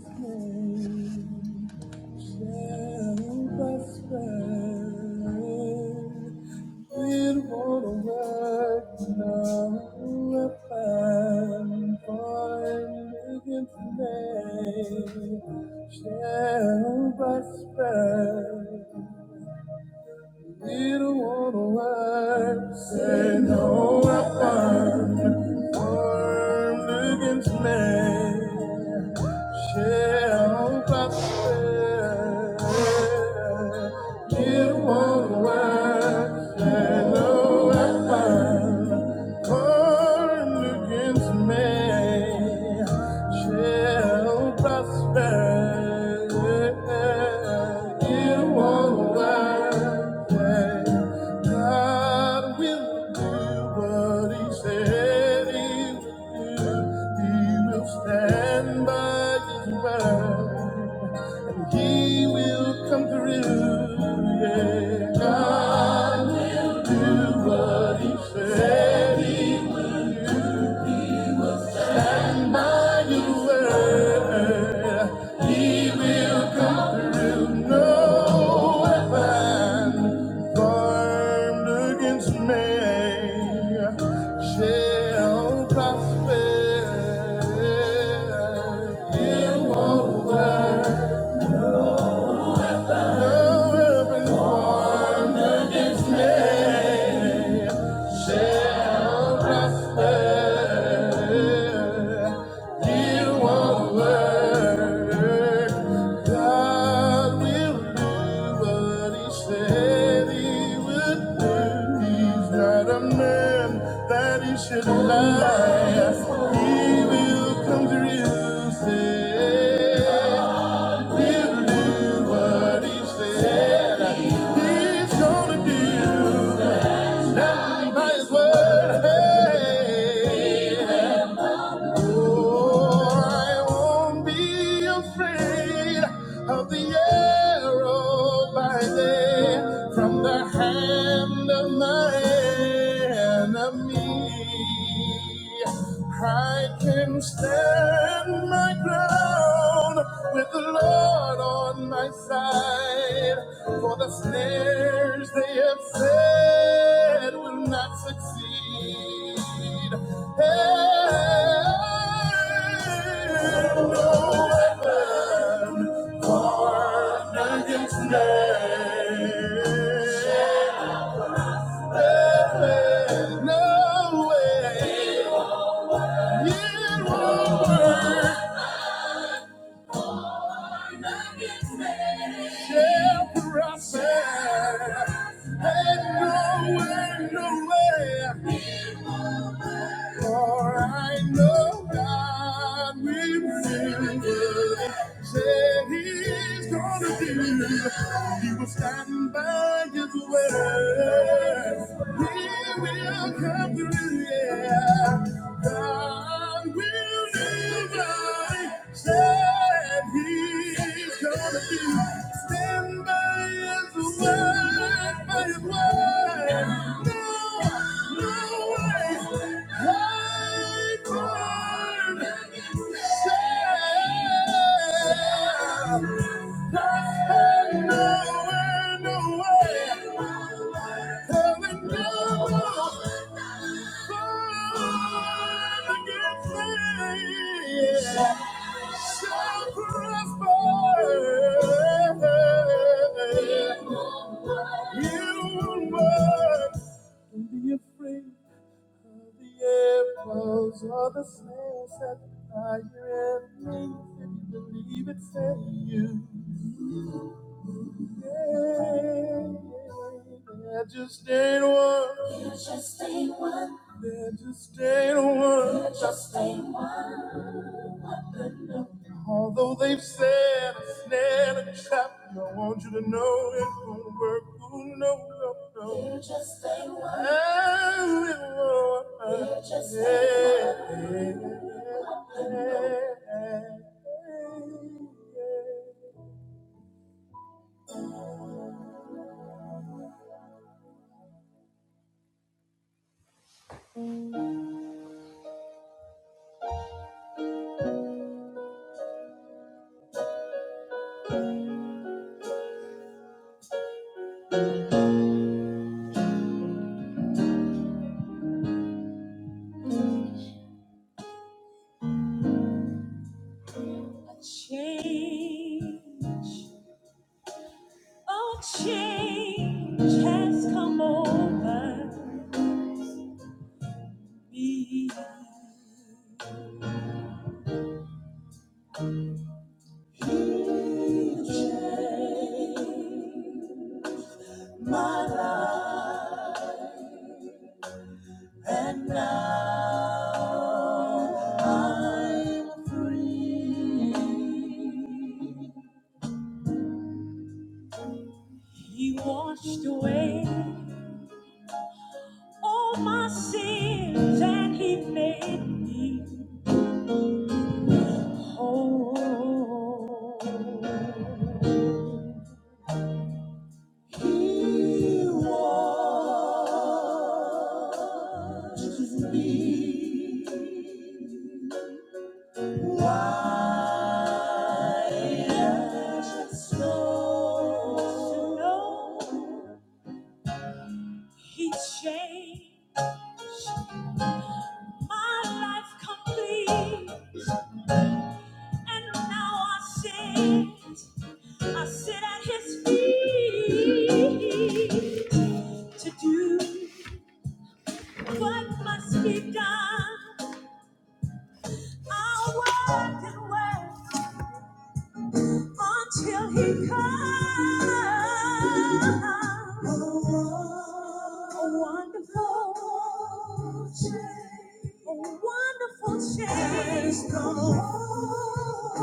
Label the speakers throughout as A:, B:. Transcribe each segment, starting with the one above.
A: Shall prosper you don't wanna work, say no weapon formed against me shall prosper. You don't wanna work, say no weapon formed against me shall shall prosper. You won't work. God will do what He said He would do. He will stand by His word, and He will come through. Yeah, God will do. what he said he would do. He will stand by your word. He will come No weapon formed against me shall prosper. It won't work. God will do what he said he would do not a man that he should lie. He will come through, say, he'll do what he said. He's gonna do, stand by his word. Hey. hey, hey. Oh, I won't be afraid of the arrow by day from the hand of my enemy. I can stand my ground with the Lord on my side. For the snares they have set will not succeed. And no weapon formed against me shall prosper. no way. It will work. shall prosper. And no way, no way. For I know God will do said he's gonna do. He will stand by his word. He will come through, yeah. God will never said he's gonna do. Stand by his word. Shall prosper. You were Don't be afraid of the arrows or the snails that are your enemies. If you believe it, say you. Yeah, there just ain't one. There just ain't one. There just ain't one. There just ain't one. Although they've said a snare and a trap, I want you to know it won't work. Ooh, no, no, no. You just stay one. Oh, it won't. You just stay one. Change, oh, change has come over me. Change. my life, and now I'm free. He washed away all my sins and he made me whole. He washed me Quiet as snow. He changed my life complete, and now I sit, I sit at his feet to do what must be done. I work work. and work until he comes. A wonderful change. A wonderful change. Has come over.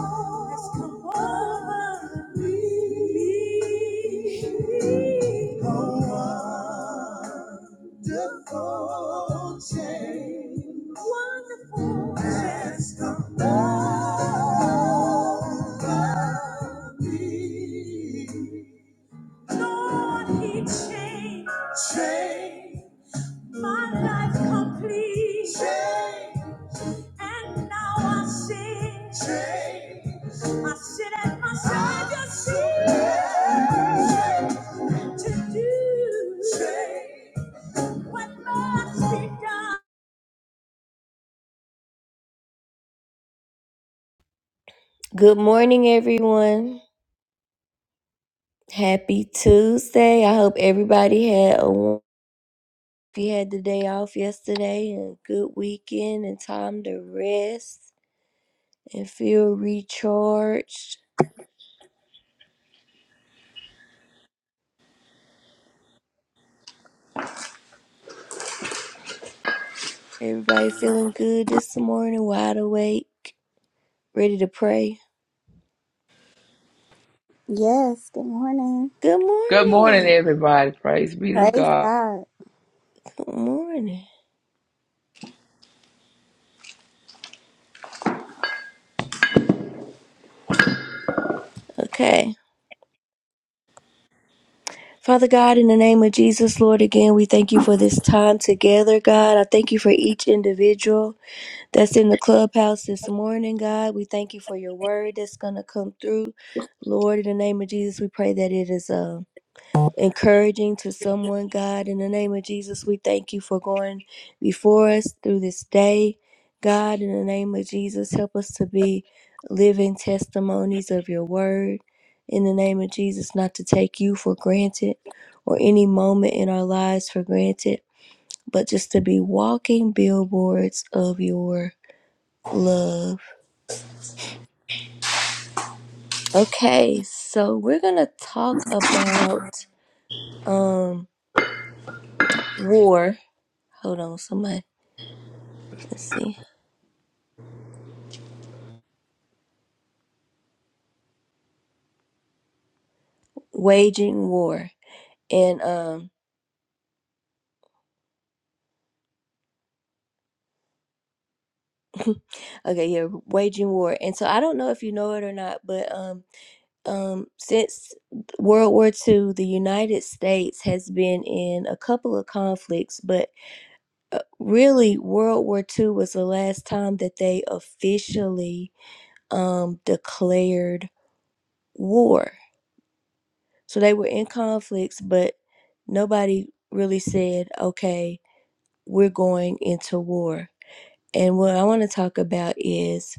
A: Has come over me wonderful Change Wonderful has come over me. Lord, He changed Changed. my life complete. Change. And now I see change. I sit at my Savior's seat to do change. what must be done. Good morning, everyone. Happy Tuesday. I hope everybody had a won- if you had the day off yesterday and a good weekend and time to rest and feel recharged. Everybody feeling good this morning, wide awake, ready to pray.
B: Yes, good morning.
A: Good
C: Good morning,
A: morning.
C: everybody. Praise be to
B: Praise
C: God.
B: God.
A: Good morning. Okay. Father God, in the name of Jesus, Lord, again, we thank you for this time together, God. I thank you for each individual that's in the clubhouse this morning, God. We thank you for your word that's going to come through. Lord, in the name of Jesus, we pray that it is uh,
D: Amen.
A: encouraging to someone, God. In the name of Jesus, we thank you for going before us through this day. God, in the name of Jesus, help us to be living testimonies of your word. In the name of Jesus, not to take you for granted or any moment in our lives for granted, but just to be walking billboards of your love. Okay, so we're going to talk about um war. Hold on, somebody. Let's see. waging war and um okay yeah waging war and so i don't know if you know it or not but um um since world war Two the united states has been in a couple of conflicts but uh, really world war Two was the last time that they officially um declared war so they were in conflicts but nobody really said okay we're going into war and what i want to talk about is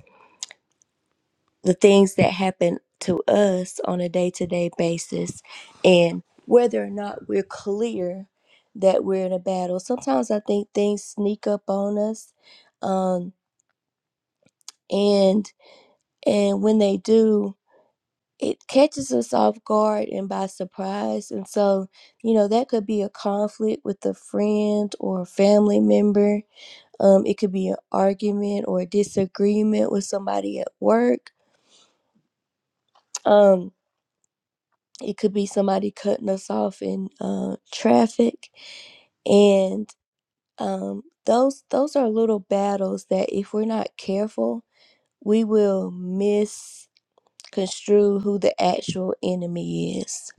A: the things that happen to us on a day to day basis and whether or not we're clear that we're in a battle. Sometimes I think things sneak up on us. Um, and and when they do, it catches us off guard and by surprise. And so, you know, that could be a conflict with a friend or a family member. Um, it could be an argument or a disagreement with somebody at work. Um, It could be somebody cutting us off in uh, traffic, and um, those those are little battles that if we're not careful, we will misconstrue who the actual enemy is.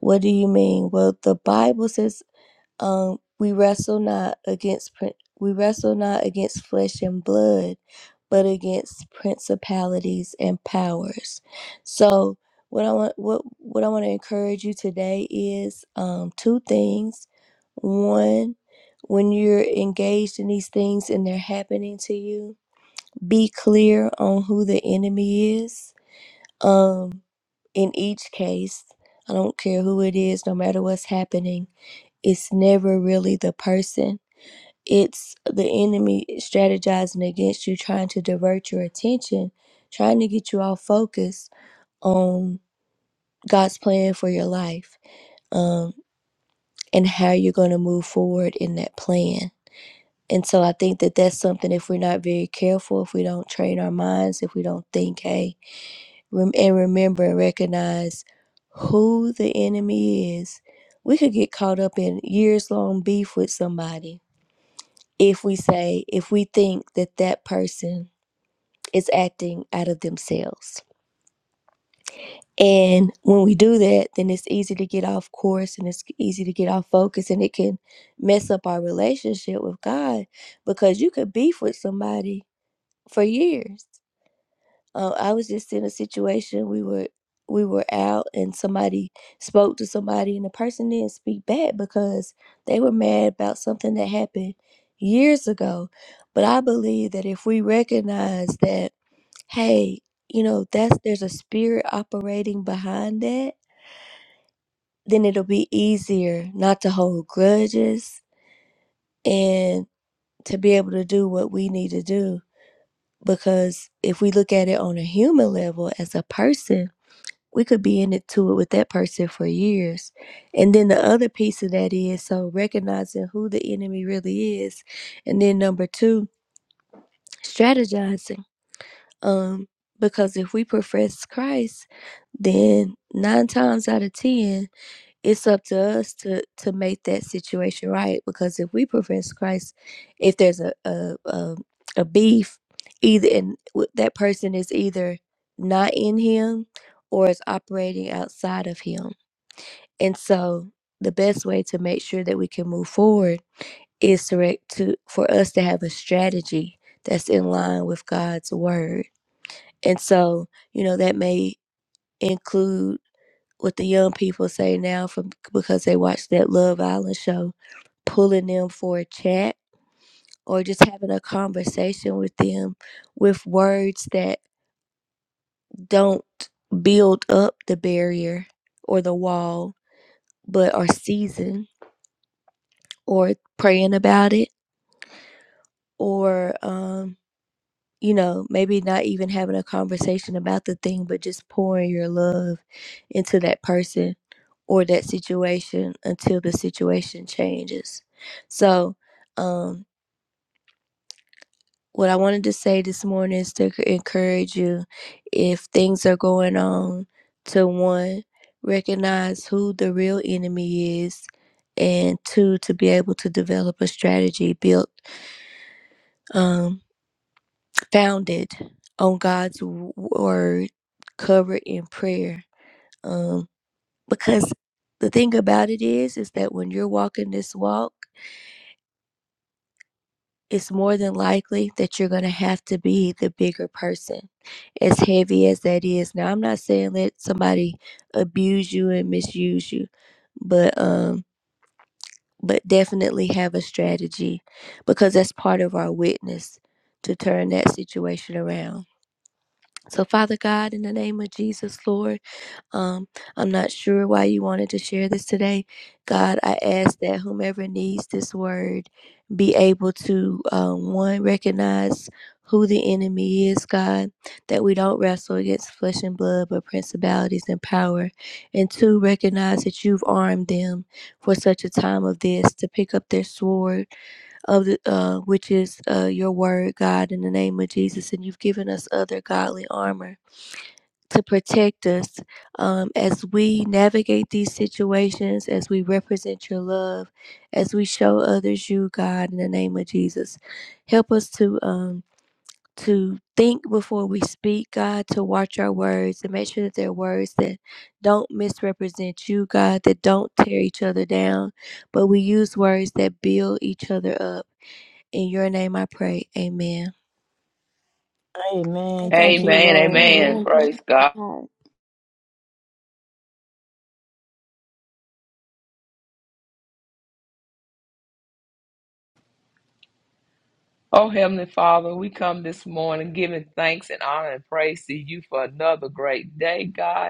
A: What do you mean? Well, the Bible says um, we wrestle not against prin- we wrestle not against flesh and blood, but against principalities and powers. So what I want what what I want to encourage you today is um, two things. One, when you're engaged in these things and they're happening to you, be clear on who the enemy is. Um, in each case, I don't care who it is, no matter what's happening it's never really the person. It's the enemy strategizing against you, trying to divert your attention, trying to get you off focus on God's plan for your life um, and how you're going to move forward in that plan. And so I think that that's something if we're not very careful, if we don't train our minds, if we don't think, hey, rem- and remember and recognize who the enemy is, we could get caught up in years long beef with somebody if we say, if we think that that person is acting out of themselves. And when we do that, then it's easy to get off course and it's easy to get off focus and it can mess up our relationship with God because you could beef with somebody for years Uh, I was just in a situation we were we were out and somebody spoke to somebody and the person didn't speak back because they were mad about something that happened years ago. But I believe that if we recognize that, hey, you know, that's there's a spirit operating behind that, then it'll be easier not to hold grudges and to be able to do what we need to do because if we look at it on a human level as a person we could be in it to it with that person for years. And then the other piece of that is so recognizing who the enemy really is. And then number two, strategizing. Um, because if we profess Christ, then nine times out of ten, it's up to us to to make that situation right. Because if we profess Christ, if there's a a a, a beef, either and w- that person is either not in Him or is operating outside of Him and so the best way to make sure that we can move forward is to, to for us to have a strategy that's in line with God's word. And so, you know, that may include what the young people say now from because they watched that Love Island show, pulling them for a chat or just having a conversation with them with words that don't build up the barrier or the wall, but are seasoned or praying about it or um you know maybe not even having a conversation about the thing but just pouring your love into that person or that situation until the situation changes so um what i wanted to say this morning is to c- encourage you if things are going on to one recognize who the real enemy is and two to be able to develop a strategy built um, founded on God's w- word, covered in prayer. Um, because the thing about it is, is that when you're walking this walk, it's more than likely that you're going to have to be the bigger person, as heavy as that is. Now, I'm not saying let somebody abuse you and misuse you, but um, but definitely have a strategy because that's part of our witness to turn that situation around. So, Father God, in the name of Jesus, Lord. Um, I'm not sure why you wanted to share this today. God, I ask that whomever needs this word be able to, um, one, recognize who the enemy is, God, that we don't wrestle against flesh and blood, but principalities and power. And two, recognize that you've armed them for such a time of this to pick up their sword of the, uh, which is uh, your word, God, in the name of Jesus. And you've given us other godly armor to protect us um, as we navigate these situations, as we represent your love, as we show others you, God, in the name of Jesus. Help us to. Um, to think before we speak, God, to watch our words and make sure that they're words that don't misrepresent you, God, that don't tear each other down, but we use words that build each other up. In your name I pray. Amen.
E: Amen. Thank you,
B: Amen.
C: Amen. Amen.
E: Lord.
B: Amen.
C: Praise
B: Praise
C: God.
B: God.
C: Oh, Heavenly Father, we come this morning giving thanks and honor and praise to you for another great day, God.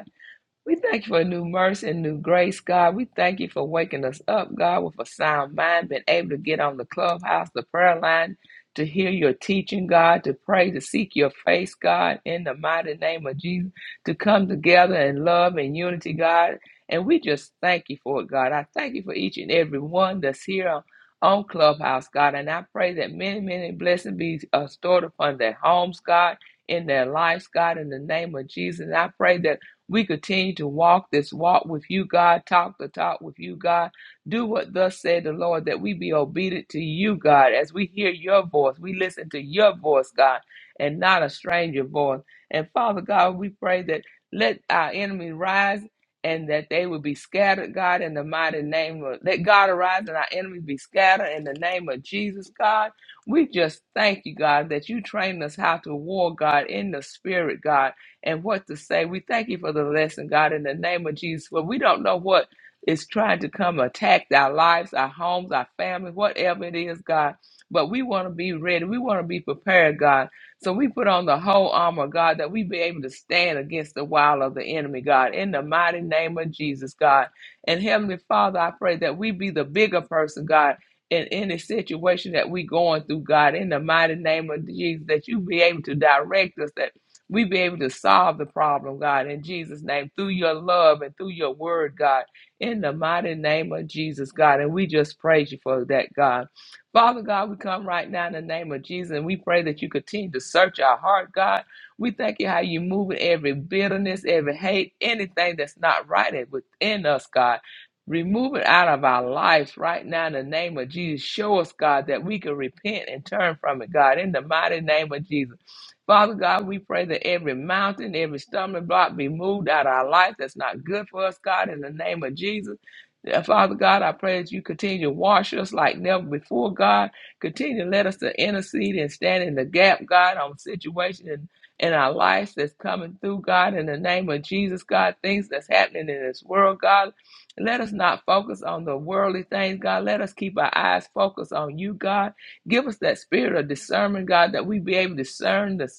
C: We thank you for new mercy and new grace, God. We thank you for waking us up, God, with a sound mind, being able to get on the clubhouse, the prayer line, to hear your teaching, God, to pray, to seek your face, God, in the mighty name of Jesus, to come together in love and unity, God. And we just thank you for it, God. I thank you for each and every one that's here on, on Clubhouse, God. And I pray that many, many blessings be uh, stored upon their homes, God, in their lives, God, in the name of Jesus. And I pray that. We continue to walk this walk with you, God, talk the talk with you, God. Do what thus said the Lord, that we be obedient to you, God, as we hear your voice. We listen to your voice, God, and not a stranger voice. And Father God, we pray that let our enemy rise and that they will be scattered, God, in the mighty name of let God arise and our enemies be scattered in the name of Jesus, God. We just thank you, God, that you trained us how to war, God, in the spirit, God and what to say. We thank you for the lesson, God, in the name of Jesus. Well, we don't know what is trying to come attack our lives, our homes, our family, whatever it is, God. But we want to be ready. We want to be prepared, God. So we put on the whole armor, God, that we be able to stand against the wile of the enemy, God, in the mighty name of Jesus, God. And Heavenly Father, I pray that we be the bigger person, God, in any situation that we going through, God, in the mighty name of Jesus, that you be able to direct us, that we be able to solve the problem, God, in Jesus' name, through your love and through your word, God, in the mighty name of Jesus, God. And we just praise you for that, God. Father God, we come right now in the name of Jesus and we pray that you continue to search our heart, God. We thank you how you move every bitterness, every hate, anything that's not right within us, God. Remove it out of our lives right now in the name of Jesus. Show us, God, that we can repent and turn from it, God, in the mighty name of Jesus. Father God, we pray that every mountain, every stumbling block be moved out of our life that's not good for us, God, in the name of Jesus. Uh, Father God, I pray that you continue to wash us like never before, God. Continue to let us to intercede and stand in the gap, God, on situations in, in our lives that's coming through, God, in the name of Jesus, God, things that's happening in this world, God. Let us not focus on the worldly things, God. Let us keep our eyes focused on you, God Give us that spirit of discernment, God, that we be able to discern the,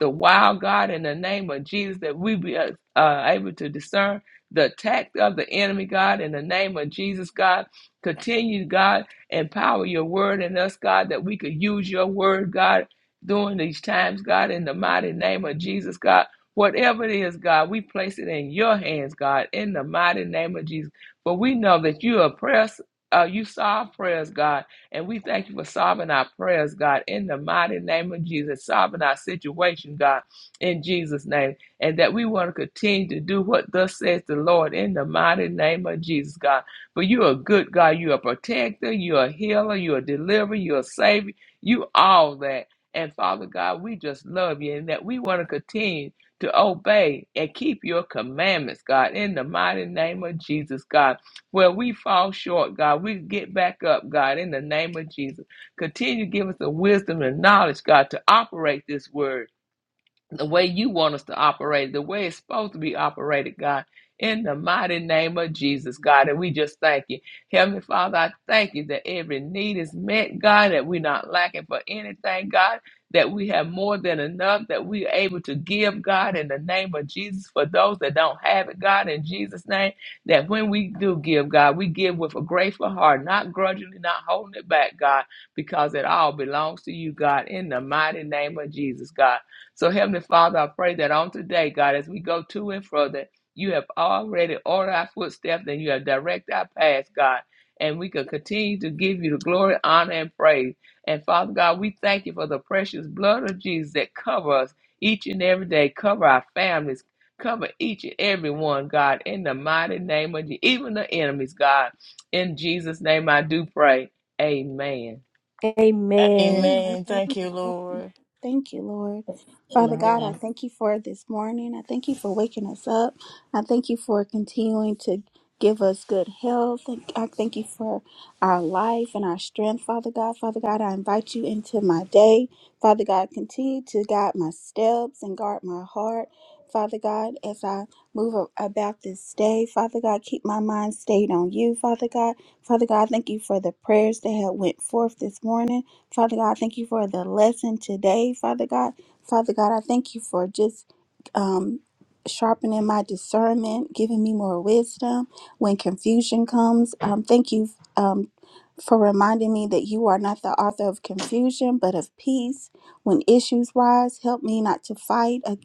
C: the wild God in the name of Jesus, that we be uh, uh, able to discern the attack of the enemy, God, in the name of Jesus, God. Continue, God, empower your word in us, God, that we could use your word, God, during these times, God, in the mighty name of Jesus, God. Whatever it is, God, we place it in your hands, God, in the mighty name of Jesus. For we know that you are prayers, uh, you saw our prayers, God and we thank you for solving our prayers, God, in the mighty name of Jesus, solving our situation, God, in Jesus' name. And that we want to continue to do what thus says the Lord in the mighty name of Jesus, God. For you are good, God. You are a protector. You are a healer. You are a deliverer. You are a savior. You all that. And Father God, we just love you and that we want to continue to obey and keep your commandments, God, in the mighty name of Jesus, God where we fall short, God. We get back up, God, in the name of Jesus. Continue to give us the wisdom and knowledge, God, to operate this word the way you want us to operate, the way it's supposed to be operated, God, in the mighty name of Jesus, God. And we just thank you. Heavenly Father, I thank you that every need is met, God, that we're not lacking for anything, God, that we have more than enough, that we're able to give, God, in the name of Jesus, for those that don't have it, God, in Jesus' name, that when we do give, God, we give with a grateful heart, not grudgingly, not holding it back, God, because it all belongs to you, God, in the mighty name of Jesus, God. So, Heavenly Father, I pray that on today, God, as we go to and fro, that you have already ordered our footsteps and you have directed our paths, God. And we can continue to give you the glory, honor, and praise. And Father God, we thank you for the precious blood of Jesus that covers us each and every day, cover our families, cover each and every one, God, in the mighty name of you, even the enemies, God. In Jesus' name I do pray. Amen.
A: Amen.
B: Amen.
E: Amen. Thank you, Lord.
B: Thank you, Lord. Father God, I thank you for this morning. I thank you for waking us up. I thank you for continuing to give us good health. I thank you for our life and our strength, Father God. Father God, I invite you into my day. Father God, continue to guide my steps and guard my heart. Father God, as I move a- about this day, Father God, keep my mind stayed on you, Father God. Father God, thank you for the prayers that have went forth this morning. Father God, I thank you for the lesson today, Father God. Father God, I thank you for just um, sharpening my discernment, giving me more wisdom when confusion comes. Um, thank you um, for reminding me that you are not the author of confusion, but of peace. When issues rise, help me not to fight a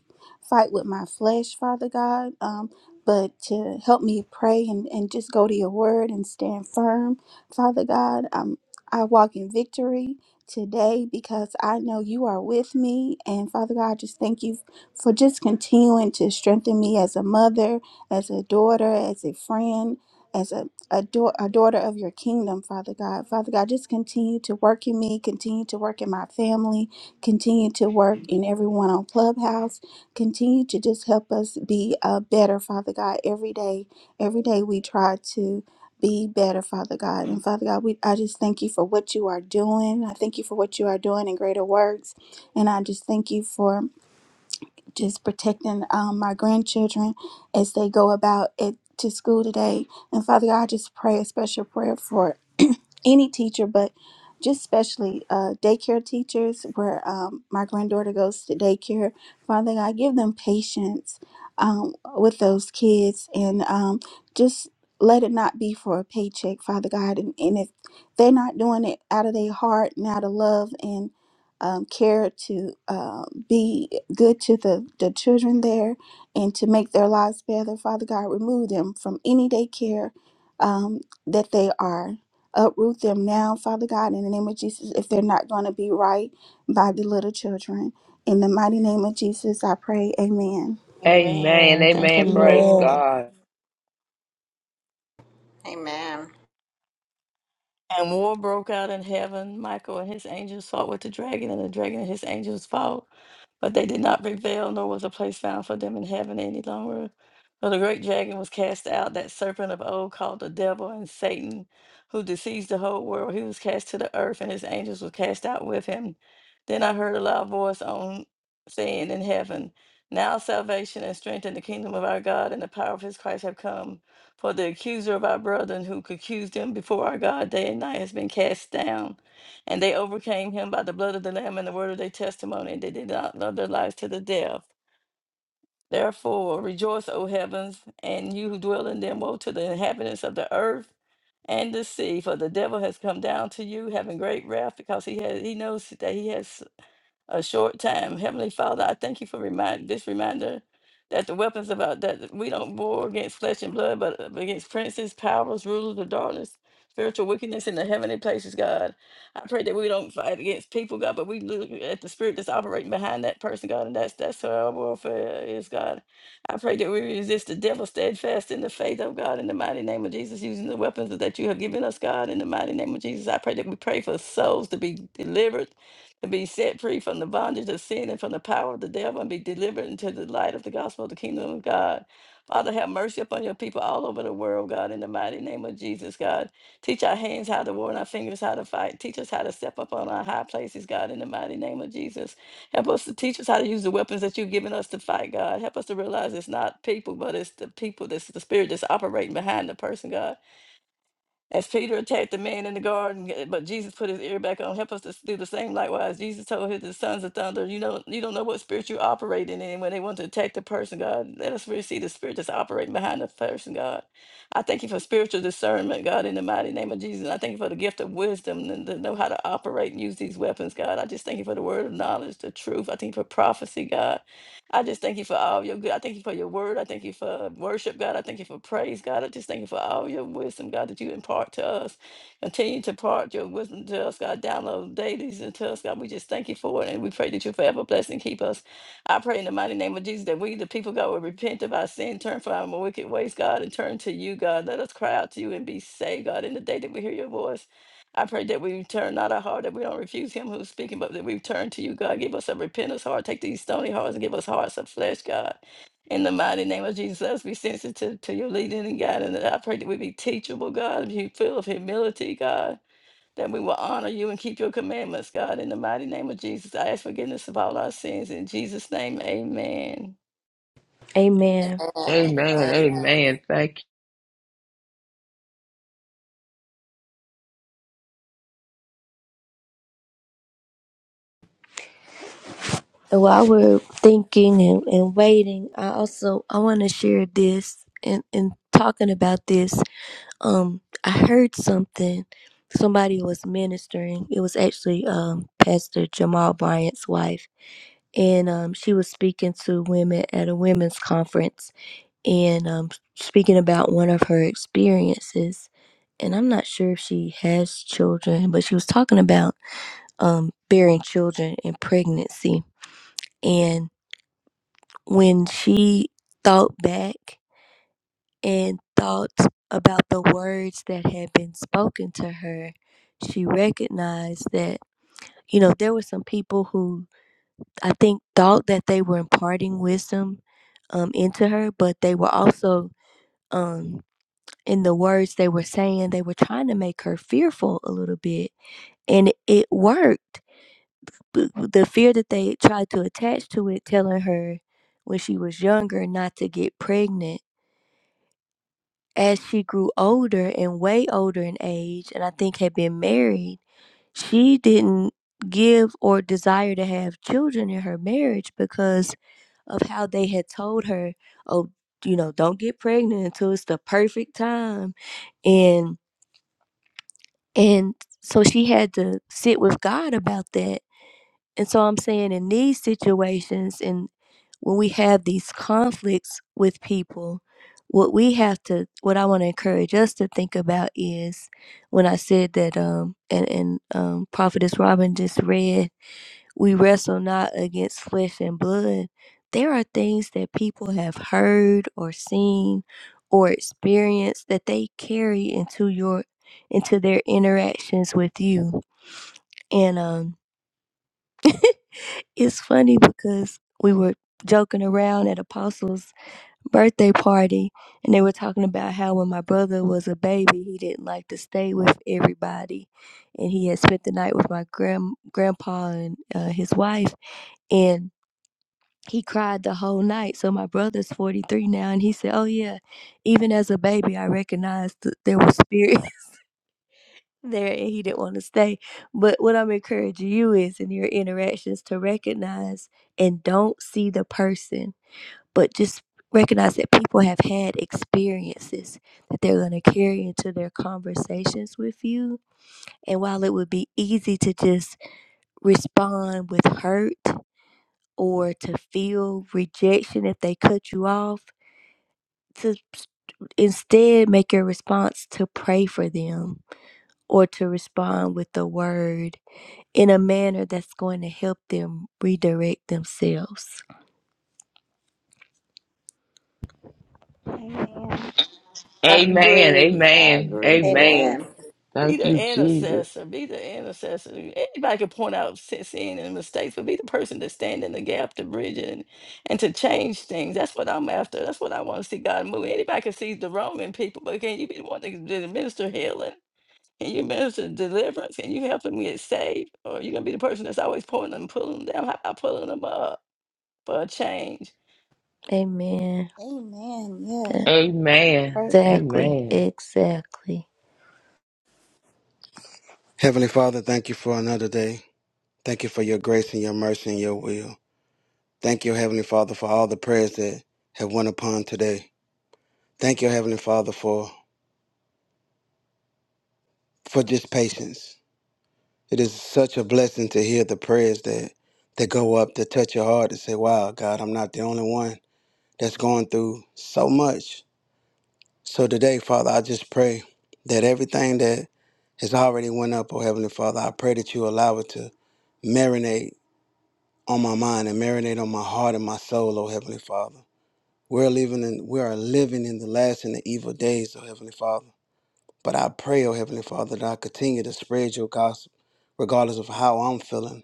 B: fight with my flesh, Father God. Um, but to help me pray and, and just go to your word and stand firm, Father God. Um, I walk in victory today because I know you are with me. And Father God, I just thank you for just continuing to strengthen me as a mother, as a daughter, as a friend, as a, a, dau- a daughter of your kingdom, Father God. Father God, just continue to work in me, continue to work in my family, continue to work in everyone on Clubhouse, continue to just help us be uh, better, Father God, every day. Every day we try to be better, Father God. And Father God, we I just thank you for what you are doing. I thank you for what you are doing in greater works. And I just thank you for just protecting um, my grandchildren as they go about it to school today. And Father God, I just pray a special prayer for any teacher, but just especially uh, daycare teachers, where um, my granddaughter goes to daycare. Father God, give them patience um, with those kids and um, just let it not be for a paycheck, Father God. And, and if they're not doing it out of their heart and out of love and um, care to uh, be good to the, the children there and to make their lives better, Father God, remove them from any daycare um, that they are uproot them now, Father God, in the name of Jesus, if they're not going to be right by the little children. In the mighty name of Jesus, I pray. Amen.
C: Amen.
E: Amen. Thank
C: Amen.
E: you,
C: Praise
A: Amen.
E: Lord.
C: God.
D: Amen.
E: And war broke out in heaven. Michael and his angels fought with the dragon, and the dragon and his angels fought. But they did not prevail, nor was a place found for them in heaven any longer. For the great dragon was cast out, that serpent of old called the devil and Satan, who deceives the whole world. He was cast to the earth, and his angels were cast out with him. Then I heard a loud voice on saying in heaven, Now salvation and strength in the kingdom of our God and the power of his Christ have come. For the accuser of our brethren who could accuse them before our God day and night has been cast down. And they overcame him by the blood of the Lamb and the word of their testimony, and they did not love their lives to the death. Therefore, rejoice, O heavens, and you who dwell in them. Woe to the inhabitants of the earth and the sea, for the devil has come down to you, having great wrath, because he has he knows that he has a short time. Heavenly Father, I thank you for remind this reminder that the weapons of our that we don't war against flesh and blood, but against princes, powers, rulers of darkness, spiritual wickedness in the heavenly places, God. I pray that we don't fight against people, God, but we look at the spirit that's operating behind that person, God, and that's that's how our warfare is, God. I pray that we resist the devil steadfast in the faith of God in the mighty name of Jesus, using the weapons that you have given us, God, in the mighty name of Jesus. I pray that we pray for souls to be delivered and be set free from the bondage of sin and from the power of the devil and be delivered into the light of the gospel of the kingdom of God. Father, have mercy upon your people all over the world, God, in the mighty name of Jesus, God. Teach our hands how to war and our fingers how to fight. Teach us how to step up on our high places, God, in the mighty name of Jesus. Help us to teach us how to use the weapons that you've given us to fight, God. Help us to realize it's not people, but it's the people, that's the spirit that's operating behind the person, God. As Peter attacked the man in the garden, uh, but Jesus put his ear back on. Help us to do the same likewise. Jesus told his sons of thunder, you know, you don't know what spirit you're operating in when they want to attack the person, God. Let us really see the spirit that's operating behind the person, God. I thank you for spiritual discernment, God, in the mighty name of Jesus. I thank you for the gift of wisdom and to know how to operate and use these weapons, God. I just thank you for the word of knowledge, the truth. I thank you for prophecy, God. I just thank you for all your good. I thank you for your word. I thank you for worship, God. I thank you for praise, God. I just thank you for all your wisdom, God, that you impart to us. Continue to impart your wisdom to us, God. Download dailies into us, God. We just thank you for it. And we pray that you forever bless and keep us. I pray in the mighty name of Jesus that we, the people, God, will repent of our sin, turn from our wicked ways, God, and turn to you, God. Let us cry out to you and be saved, God, in the day that we hear your voice. I pray that we turn not our heart, that we don't refuse him who's speaking, but that we turn to you, God. Give us a repentance heart. Take these stony hearts and give us hearts of flesh, God. In the mighty name of Jesus, let us be sensitive to your leading and guiding. And I pray that we be teachable, God, be full of humility, God, that we will honor you and keep your commandments, God. In the mighty name of Jesus, I ask forgiveness of all our sins. In Jesus' name, amen.
A: Amen.
D: Amen.
C: Amen. Amen. Thank
A: while we're thinking and, and waiting, I also I want to share this and and talking about this. Um, I heard something. Somebody was ministering. It was actually um Pastor Jamal Bryant's wife, and um she was speaking to women at a women's conference and um speaking about one of her experiences. And I'm not sure if she has children, but she was talking about um bearing children and pregnancy. and when she thought back and thought about the words that had been spoken to her, she recognized that, you know, there were some people who I think thought that they were imparting wisdom um, into her, but they were also, um, in the words they were saying, they were trying to make her fearful a little bit. And it it worked. B- The fear that they tried to attach to it, telling her when she was younger not to get pregnant as she grew older and way older in age, and I think had been married, she didn't give or desire to have children in her marriage because of how they had told her, oh, you know, don't get pregnant until it's the perfect time. And and so she had to sit with God about that. And so I'm saying in these situations, and when we have these conflicts with people, what we have to, what I want to encourage us to think about is when I said that, um, and, and um, Prophetess Robin just read, we wrestle not against flesh and blood. There are things that people have heard or seen or experienced that they carry into your into their interactions with you. And um it's funny because we were joking around at Apostles birthday party and they were talking about how when my brother was a baby he didn't like to stay with everybody and he had spent the night with my grand grandpa and uh, his wife and he cried the whole night so my brother's 43 now and he said oh yeah even as a baby i recognized that there was spirit there and he didn't want to stay but what i'm encouraging you is in your interactions to recognize and don't see the person but just recognize that people have had experiences that they're going to carry into their conversations with you. And while it would be easy to just respond with hurt or to feel rejection if they cut you off, to instead make your response to pray for them or to respond with the word in a manner that's going to help them redirect themselves.
B: Amen.
C: you.
E: I
C: Amen.
E: agree. I
C: Amen.
E: agree, Joy.
C: Amen.
D: Amen.
E: Be
C: Thank
E: the
C: you, Jesus.
E: intercessor. Be the intercessor. Anybody can point out sin sin and mistakes, but be the person to stand in the gap, to bridge it, and, and to change things. That's what I'm after. That's what I want to see God move. Anybody can see the wrong in people, but can you be the one that that minister healing? Can you minister deliverance? Can you help them get saved? Or are you gonna be the person that's always pulling them, pulling them down? How about pulling them up for a change?
A: Amen.
B: Amen. Yes.
C: Amen.
B: Praise.
A: Exactly.
C: Amen.
A: Exactly.
F: Heavenly Father, thank you for another day. Thank you for your grace and your mercy and your will. Thank you, Heavenly Father, for all the prayers that have went upon today. Thank you, Heavenly Father, for for just patience. It is such a blessing to hear the prayers that that go up to touch your heart and say, "Wow, God, I'm not the only one that's going through so much." So today, Father, I just pray that everything that has already went up, oh Heavenly Father, I pray that you allow it to marinate on my mind and marinate on my heart and my soul, O Heavenly Father. We're living in we are living in the last and the evil days, O Heavenly Father. But I pray, O Heavenly Father, that I continue to spread your gospel, regardless of how I'm feeling.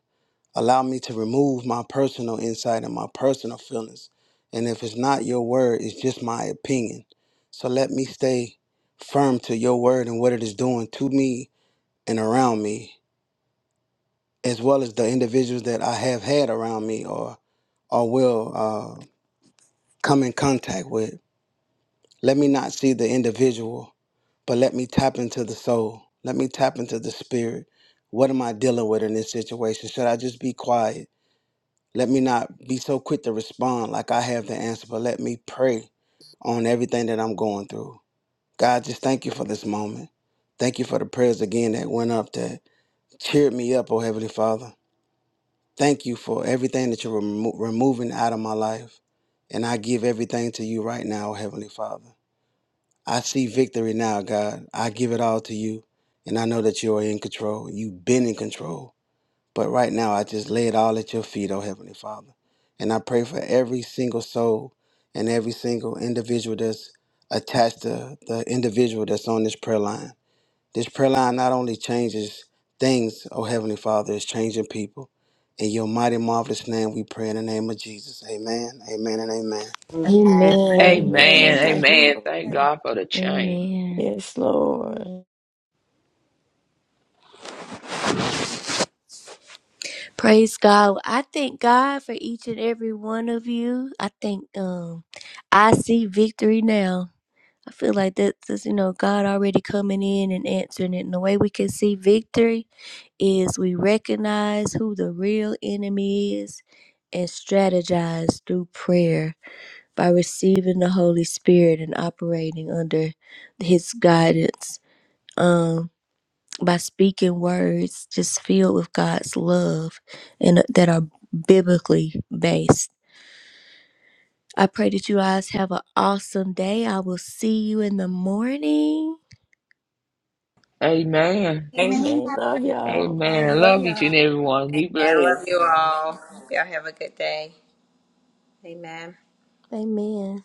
F: Allow me to remove my personal insight and my personal feelings. And if it's not your word, it's just my opinion. So let me stay firm to your word and what it is doing to me and around me, as well as the individuals that I have had around me or or will. uh, come in contact with. Let me not see the individual, but let me tap into the soul. Let me tap into the spirit. What am I dealing with in this situation? Should I just be quiet? Let me not be so quick to respond like I have the answer, but let me pray on everything that I'm going through. God, just thank you for this moment. Thank you for the prayers again that went up that cheered me up, oh Heavenly Father. Thank you for everything that you're remo- removing out of my life. And I give everything to you right now, oh Heavenly Father. I see victory now, God. I give it all to you. And I know that you are in control. You've been in control. But right now, I just lay it all at your feet, oh Heavenly Father. And I pray for every single soul and every single individual that's attached to the individual that's on this prayer line. This prayer line not only changes things, oh Heavenly Father, it's changing people. In your mighty, marvelous name, we pray in the name of Jesus. Amen, amen, and amen.
D: Amen. I
A: Amen.
C: Amen.
E: Amen.
B: Amen.
E: Thank you,
C: Amen. Thank
E: Lord.
C: God for the change.
A: Amen.
E: Yes, Lord.
A: Praise God. I thank God for each and every one of you. I think um I see victory now. I feel like that's is, you know, God already coming in and answering it. And the way we can see victory is we recognize who the real enemy is and strategize through prayer by receiving the Holy Spirit and operating under his guidance. Um. by speaking words just filled with God's love and uh, that are biblically based. I pray that you guys have an awesome day. I will see you in the morning.
C: Amen.
E: Amen. Love y'all.
C: Amen. I love each and every one. Be
D: love
C: blessed.
D: you all. Y'all have a good day. Amen.
A: Amen.